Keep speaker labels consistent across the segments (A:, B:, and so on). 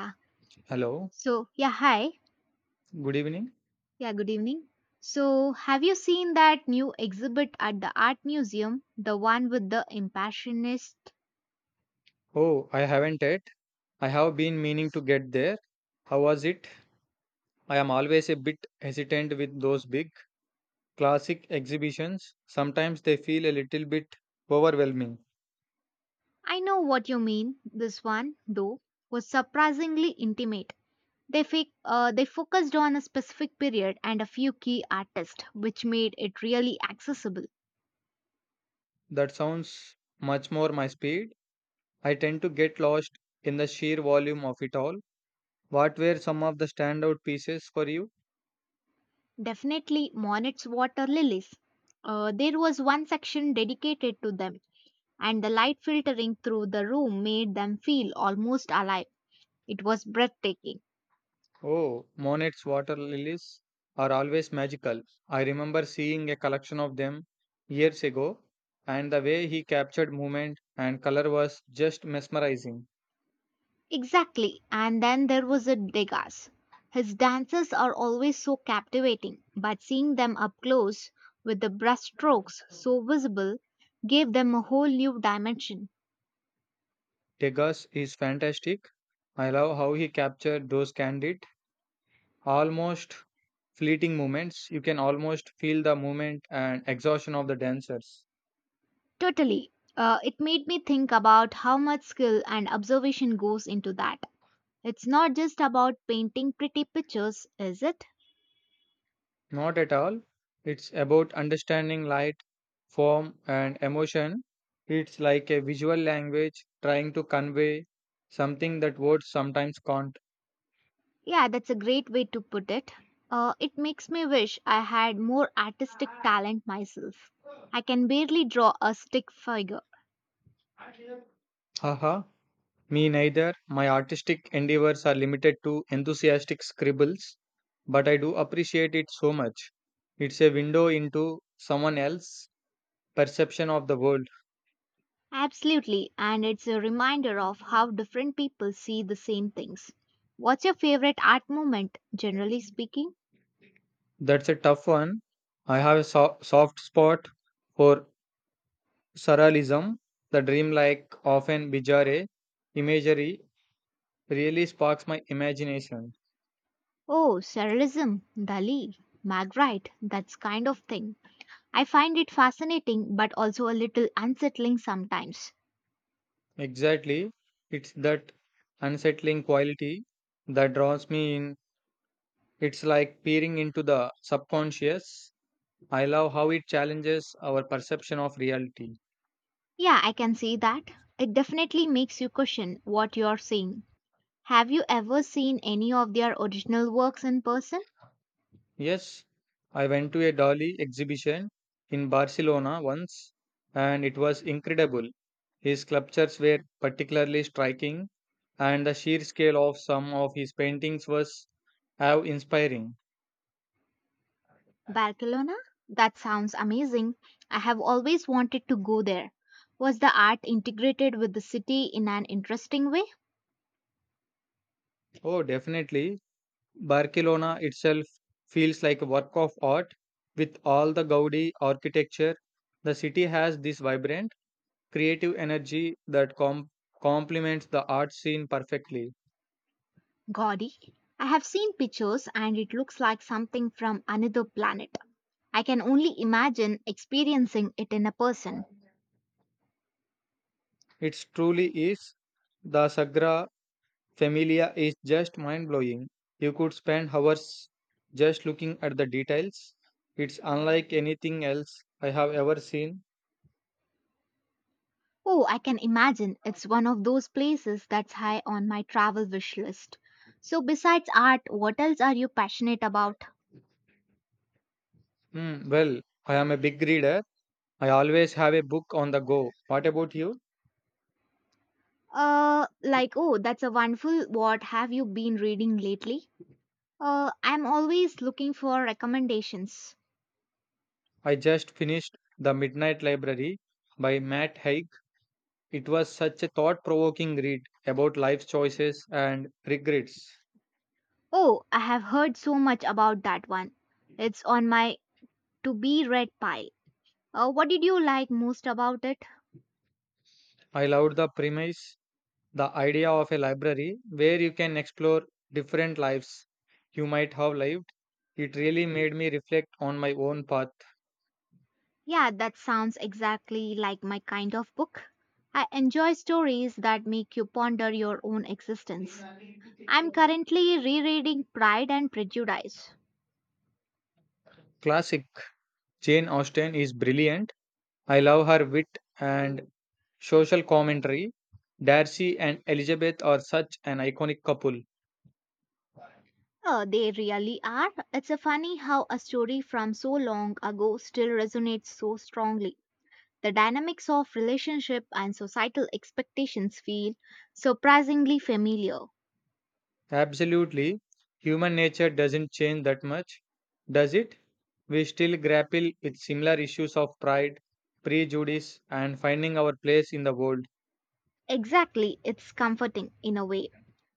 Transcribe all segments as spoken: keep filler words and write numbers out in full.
A: Yeah.
B: Hello,
A: So, yeah, hi.
B: good evening.
A: Yeah, good evening. So, have you seen that new exhibit at the art museum? The one with the impressionist?
B: Oh, I haven't yet. I have been meaning to get there. How was it? I am always a bit hesitant with those big classic exhibitions. Sometimes they feel a little bit overwhelming.
A: I know what you mean. This one, though, was surprisingly intimate. They, fi- uh, they focused on a specific period and a few key artists, which made it really accessible.
B: That sounds much more my speed. I tend to get lost in the sheer volume of it all. What were some of the standout pieces for you?
A: Definitely Monet's water lilies. Uh, there was one section dedicated to them, and the light filtering through the room made them feel almost alive. It was breathtaking.
B: Oh, Monet's water lilies are always magical. I remember seeing a collection of them years ago, and the way he captured movement and color was just mesmerizing.
A: Exactly. And then there was a Degas. His dances are always so captivating, but seeing them up close, with the brushstrokes so visible, gave them a whole new dimension.
B: Degas is fantastic. I love how he captured those candid, almost fleeting moments. You can almost feel the movement and exhaustion of the dancers.
A: Totally. Uh, it made me think about how much skill and observation goes into that. It's not just about painting pretty pictures, is it?
B: Not at all. It's about understanding light, form and emotion. It's like a visual language trying to convey something that words sometimes can't.
A: Yeah, that's a great way to put it. Uh, it makes me wish I had more artistic talent myself. I can barely draw a stick figure.
B: Haha, me neither. My artistic endeavors are limited to enthusiastic scribbles, but I do appreciate it so much. It's a window into someone else's perception of the world.
A: Absolutely, and it's a reminder of how different people see the same things. What's your favorite art movement, generally speaking?
B: That's a tough one. I have a so- soft spot for surrealism, the dreamlike, often bizarre imagery really sparks my imagination.
A: Oh, surrealism, Dali, Magritte, that kind of thing. I find it fascinating but also a little unsettling sometimes.
B: Exactly. It's that unsettling quality that draws me in. It's like peering into the subconscious. I love how it challenges our perception of reality.
A: Yeah, I can see that. It definitely makes you question what you're saying. Have you ever seen any of their original works in person?
B: Yes, I went to a Dali exhibition in Barcelona once and it was incredible. His sculptures were particularly striking and the sheer scale of some of his paintings was awe inspiring.
A: Barcelona? That sounds amazing. I have always wanted to go there. Was the art integrated with the city in an interesting way?
B: Oh, definitely. Barcelona itself feels like a work of art with all the Gaudi architecture. The city has this vibrant, creative energy that com- complements the art scene perfectly.
A: Gaudí. I have seen pictures and it looks like something from another planet. I can only imagine experiencing it in a person.
B: It truly is. The Sagra Familia is just mind blowing. You could spend hours just looking at the details. It's unlike anything else I have ever seen.
A: Oh, I can imagine it's one of those places that's high on my travel wish list. So, besides art, what else are you passionate about?
B: Hmm, well, I am a big reader. I always have a book on the go. What about you?
A: Uh, like, oh, that's a wonderful. What have you been reading lately? Uh, I'm always looking for recommendations.
B: I just finished The Midnight Library by Matt Haig. It was such a thought provoking read about life choices and regrets.
A: Oh, I have heard so much about that one. It's on my to be read pile. Uh, what did you like most about it?
B: I loved the premise, the idea of a library where you can explore different lives you might have lived. It really made me reflect on my own path.
A: Yeah, that sounds exactly like my kind of book. I enjoy stories that make you ponder your own existence. I'm currently rereading Pride and Prejudice.
B: Classic Jane Austen is brilliant. I love her wit and social commentary. Darcy and Elizabeth are such an iconic couple.
A: Oh, they really are. It's a funny how a story from so long ago still resonates so strongly. The dynamics of relationship and societal expectations feel surprisingly familiar.
B: Absolutely. Human nature doesn't change that much, does it? We still grapple with similar issues of pride, prejudice, and finding our place in the world.
A: Exactly, it's comforting in a way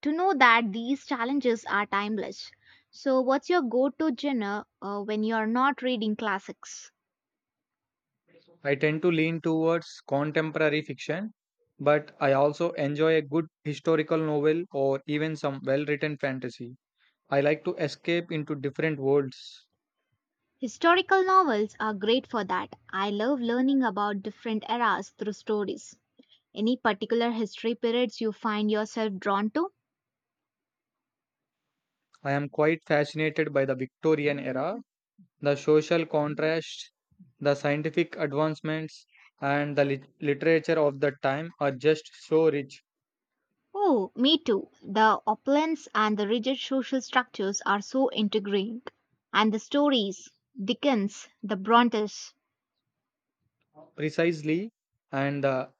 A: to know that these challenges are timeless. So, what's your go to genre uh, when you're not reading classics?
B: I tend to lean towards contemporary fiction, but I also enjoy a good historical novel or even some well written fantasy. I like to escape into different worlds.
A: Historical novels are great for that. I love learning about different eras through stories. Any particular history periods you find yourself drawn to?
B: I am quite fascinated by the Victorian era, the social contrast, the scientific advancements, and the lit- literature of the time are just so rich.
A: Oh, me too. The opulence and the rigid social structures are so intriguing. And the stories, Dickens, the Brontes,
B: Precisely, and the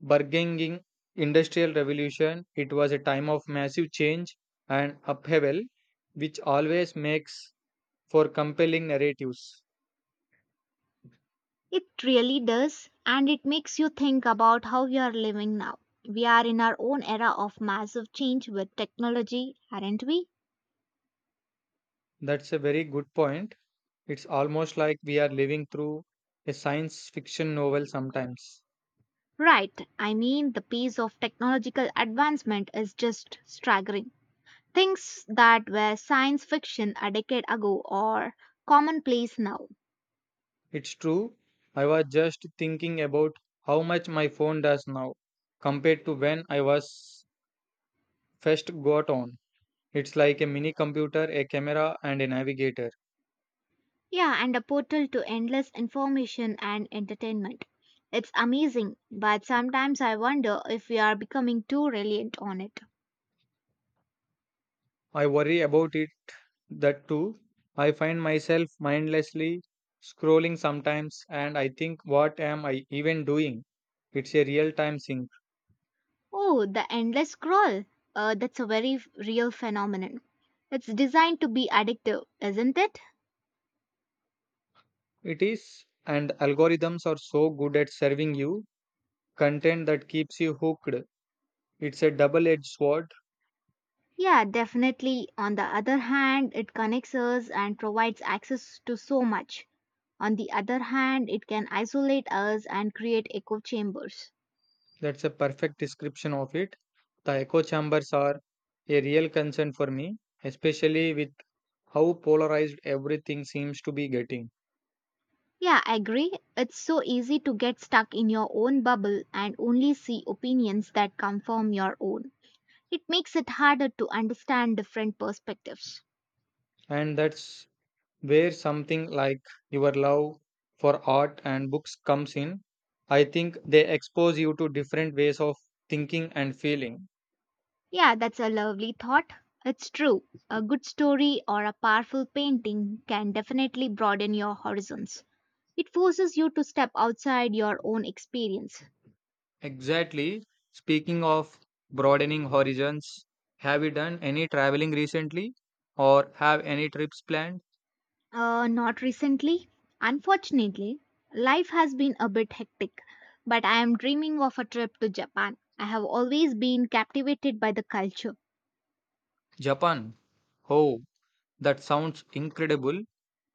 B: burgeoning industrial revolution, it was a time of massive change and upheaval, which always makes for compelling narratives.
A: it really does. And it makes you think about how we are living now. We are in our own era of massive change with technology, aren't we?
B: That's a very good point. It's almost like we are living through a science fiction novel sometimes.
A: Right. I mean, the pace of technological advancement is just staggering. Things that were science fiction a decade ago are commonplace now.
B: It's true. I was just thinking about how much my phone does now compared to when I was first got on. It's like a mini computer, a camera, and a navigator.
A: Yeah, and a portal to endless information and entertainment. It's amazing, but sometimes I wonder if we are becoming too reliant on it.
B: I worry about it that too. I find myself mindlessly scrolling sometimes, and I think, what am I even doing? It's a real time sink.
A: Oh, the endless scroll. Uh, that's a very f- real phenomenon. It's designed to be addictive, isn't it?
B: It is, and algorithms are so good at serving you content that keeps you hooked. It's a double edged sword.
A: Yeah, definitely. On the other hand, it connects us and provides access to so much. On the other hand, it can isolate us and create echo chambers.
B: That's a perfect description of it. The echo chambers are a real concern for me, especially with how polarized everything seems to be getting.
A: Yeah, I agree. It's so easy to get stuck in your own bubble and only see opinions that come from your own. It makes it harder to understand different perspectives.
B: And that's where something like your love for art and books comes in. I think they expose you to different ways of thinking and feeling.
A: Yeah, that's a lovely thought. It's true. A good story or a powerful painting can definitely broaden your horizons. It forces you to step outside your own experience.
B: Exactly. Speaking of broadening horizons, have you done any traveling recently or have any trips planned?
A: Uh, not recently. Unfortunately, life has been a bit hectic, but I am dreaming of a trip to Japan. I have always been captivated by the culture.
B: Japan. Oh, that sounds incredible.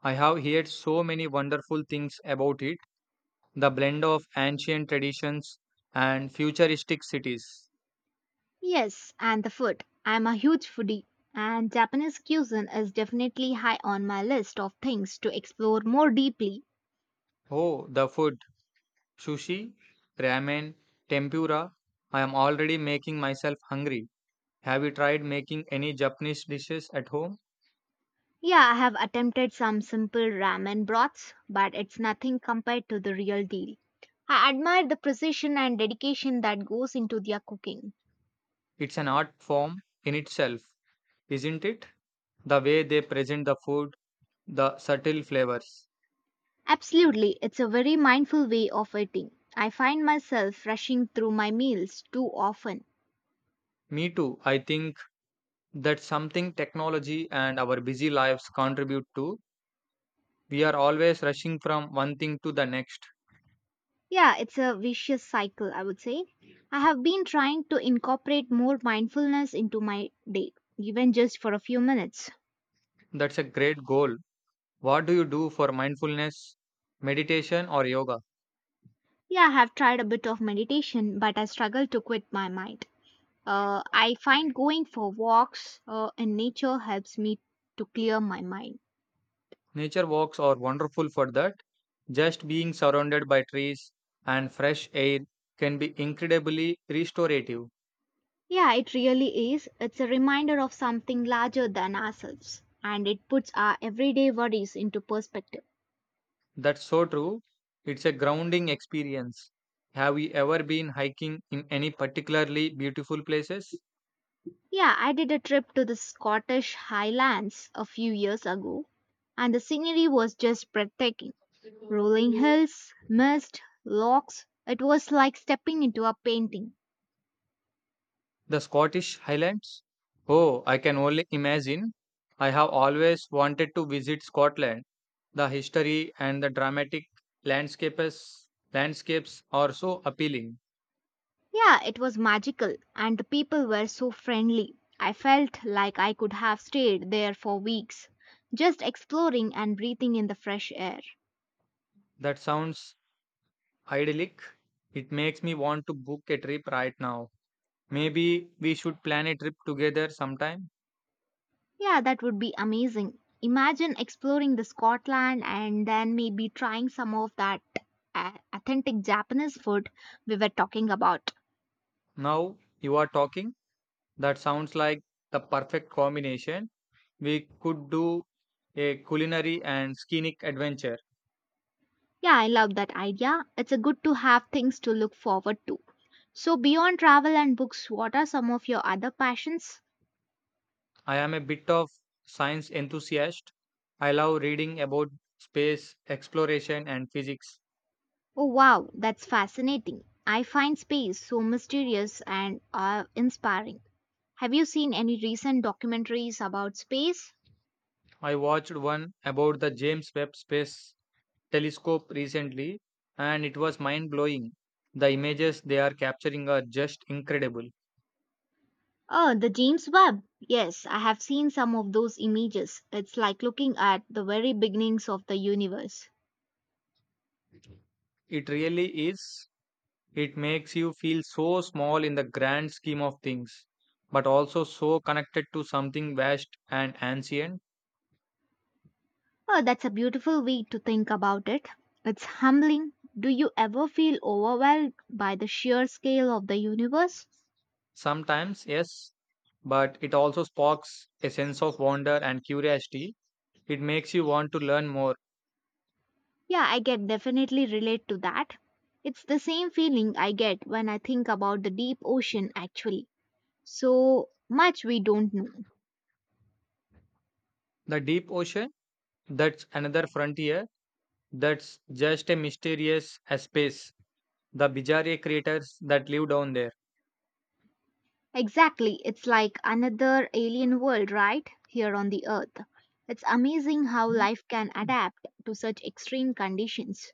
B: I have heard so many wonderful things about it. The blend of ancient traditions and futuristic cities.
A: Yes, and the food. I am a huge foodie, and Japanese cuisine is definitely high on my list of things to explore more deeply.
B: Oh, the food. Sushi, ramen, tempura. I am already making myself hungry. Have you tried making any Japanese dishes at home?
A: Yeah, I have attempted some simple ramen broths, but it's nothing compared to the real deal. I admire the precision and dedication that goes into their cooking.
B: It's an art form in itself, isn't it? The way they present the food, the subtle flavors.
A: Absolutely, it's a very mindful way of eating. I find myself rushing through my meals too often.
B: Me too. I think that's something technology and our busy lives contribute to. We are always rushing from one thing to the next.
A: Yeah, it's a vicious cycle, I would say. I have been trying to incorporate more mindfulness into my day, even just for a few minutes.
B: That's a great goal. What do you do for mindfulness, meditation, or yoga?
A: Yeah, I have tried a bit of meditation, but I struggle to quit my mind. Uh, I find going for walks uh, in nature helps me to clear my mind.
B: Nature walks are wonderful for that. Just being surrounded by trees and fresh air can be incredibly restorative.
A: Yeah, it really is. It's a reminder of something larger than ourselves, and it puts our everyday worries into perspective.
B: That's so true. It's a grounding experience. Have you ever been hiking in any particularly beautiful places?
A: Yeah, I did a trip to the Scottish Highlands a few years ago, and the scenery was just breathtaking. Rolling hills, mist, lochs, it was like stepping into a painting.
B: The Scottish Highlands? Oh, I can only imagine. I have always wanted to visit Scotland. The history and the dramatic landscapes landscapes are so appealing.
A: Yeah, it was magical, and the people were so friendly. I felt like I could have stayed there for weeks, just exploring and breathing in the fresh air.
B: That sounds idyllic. It makes me want to book a trip right now. Maybe we should plan a trip together sometime.
A: Yeah, that would be amazing. Imagine exploring the Scotland and then maybe trying some of that uh, authentic Japanese food we were talking about.
B: Now you are talking. That sounds like the perfect combination. We could do a culinary and scenic adventure.
A: Yeah, I love that idea. It's a good to have things to look forward to. So beyond travel and books, what are some of your other passions?
B: I am a bit of science enthusiast. I love reading about space exploration and physics.
A: Oh wow, that's fascinating. I find space so mysterious and uh, inspiring. Have you seen any recent documentaries about space?
B: I watched one about the James Webb Space Telescope recently and it was mind blowing. The images they are capturing are just incredible.
A: Oh, the James Webb. Yes, I have seen some of those images. It's like looking at the very beginnings of the universe.
B: It really is. It makes you feel so small in the grand scheme of things, but also so connected to something vast and ancient.
A: Oh, that's a beautiful way to think about it. It's humbling. Do you ever feel overwhelmed by the sheer scale of the universe?
B: Sometimes, yes, but it also sparks a sense of wonder and curiosity. It makes you want to learn more.
A: Yeah, I can definitely relate to that. It's the same feeling I get when I think about the deep ocean, actually. So much we don't know.
B: The deep ocean, that's another frontier, that's just as mysterious as space. The bizarre creatures that live down there.
A: Exactly. It's like another alien world right here on the earth. It's amazing how life can adapt to such extreme conditions.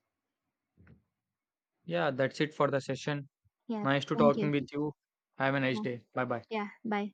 B: Yeah, that's it for the session.
A: Yeah,
B: Nice to
A: thank you.
B: talking with you. Have a nice
A: Yeah,
B: day. Bye bye.
A: yeah bye.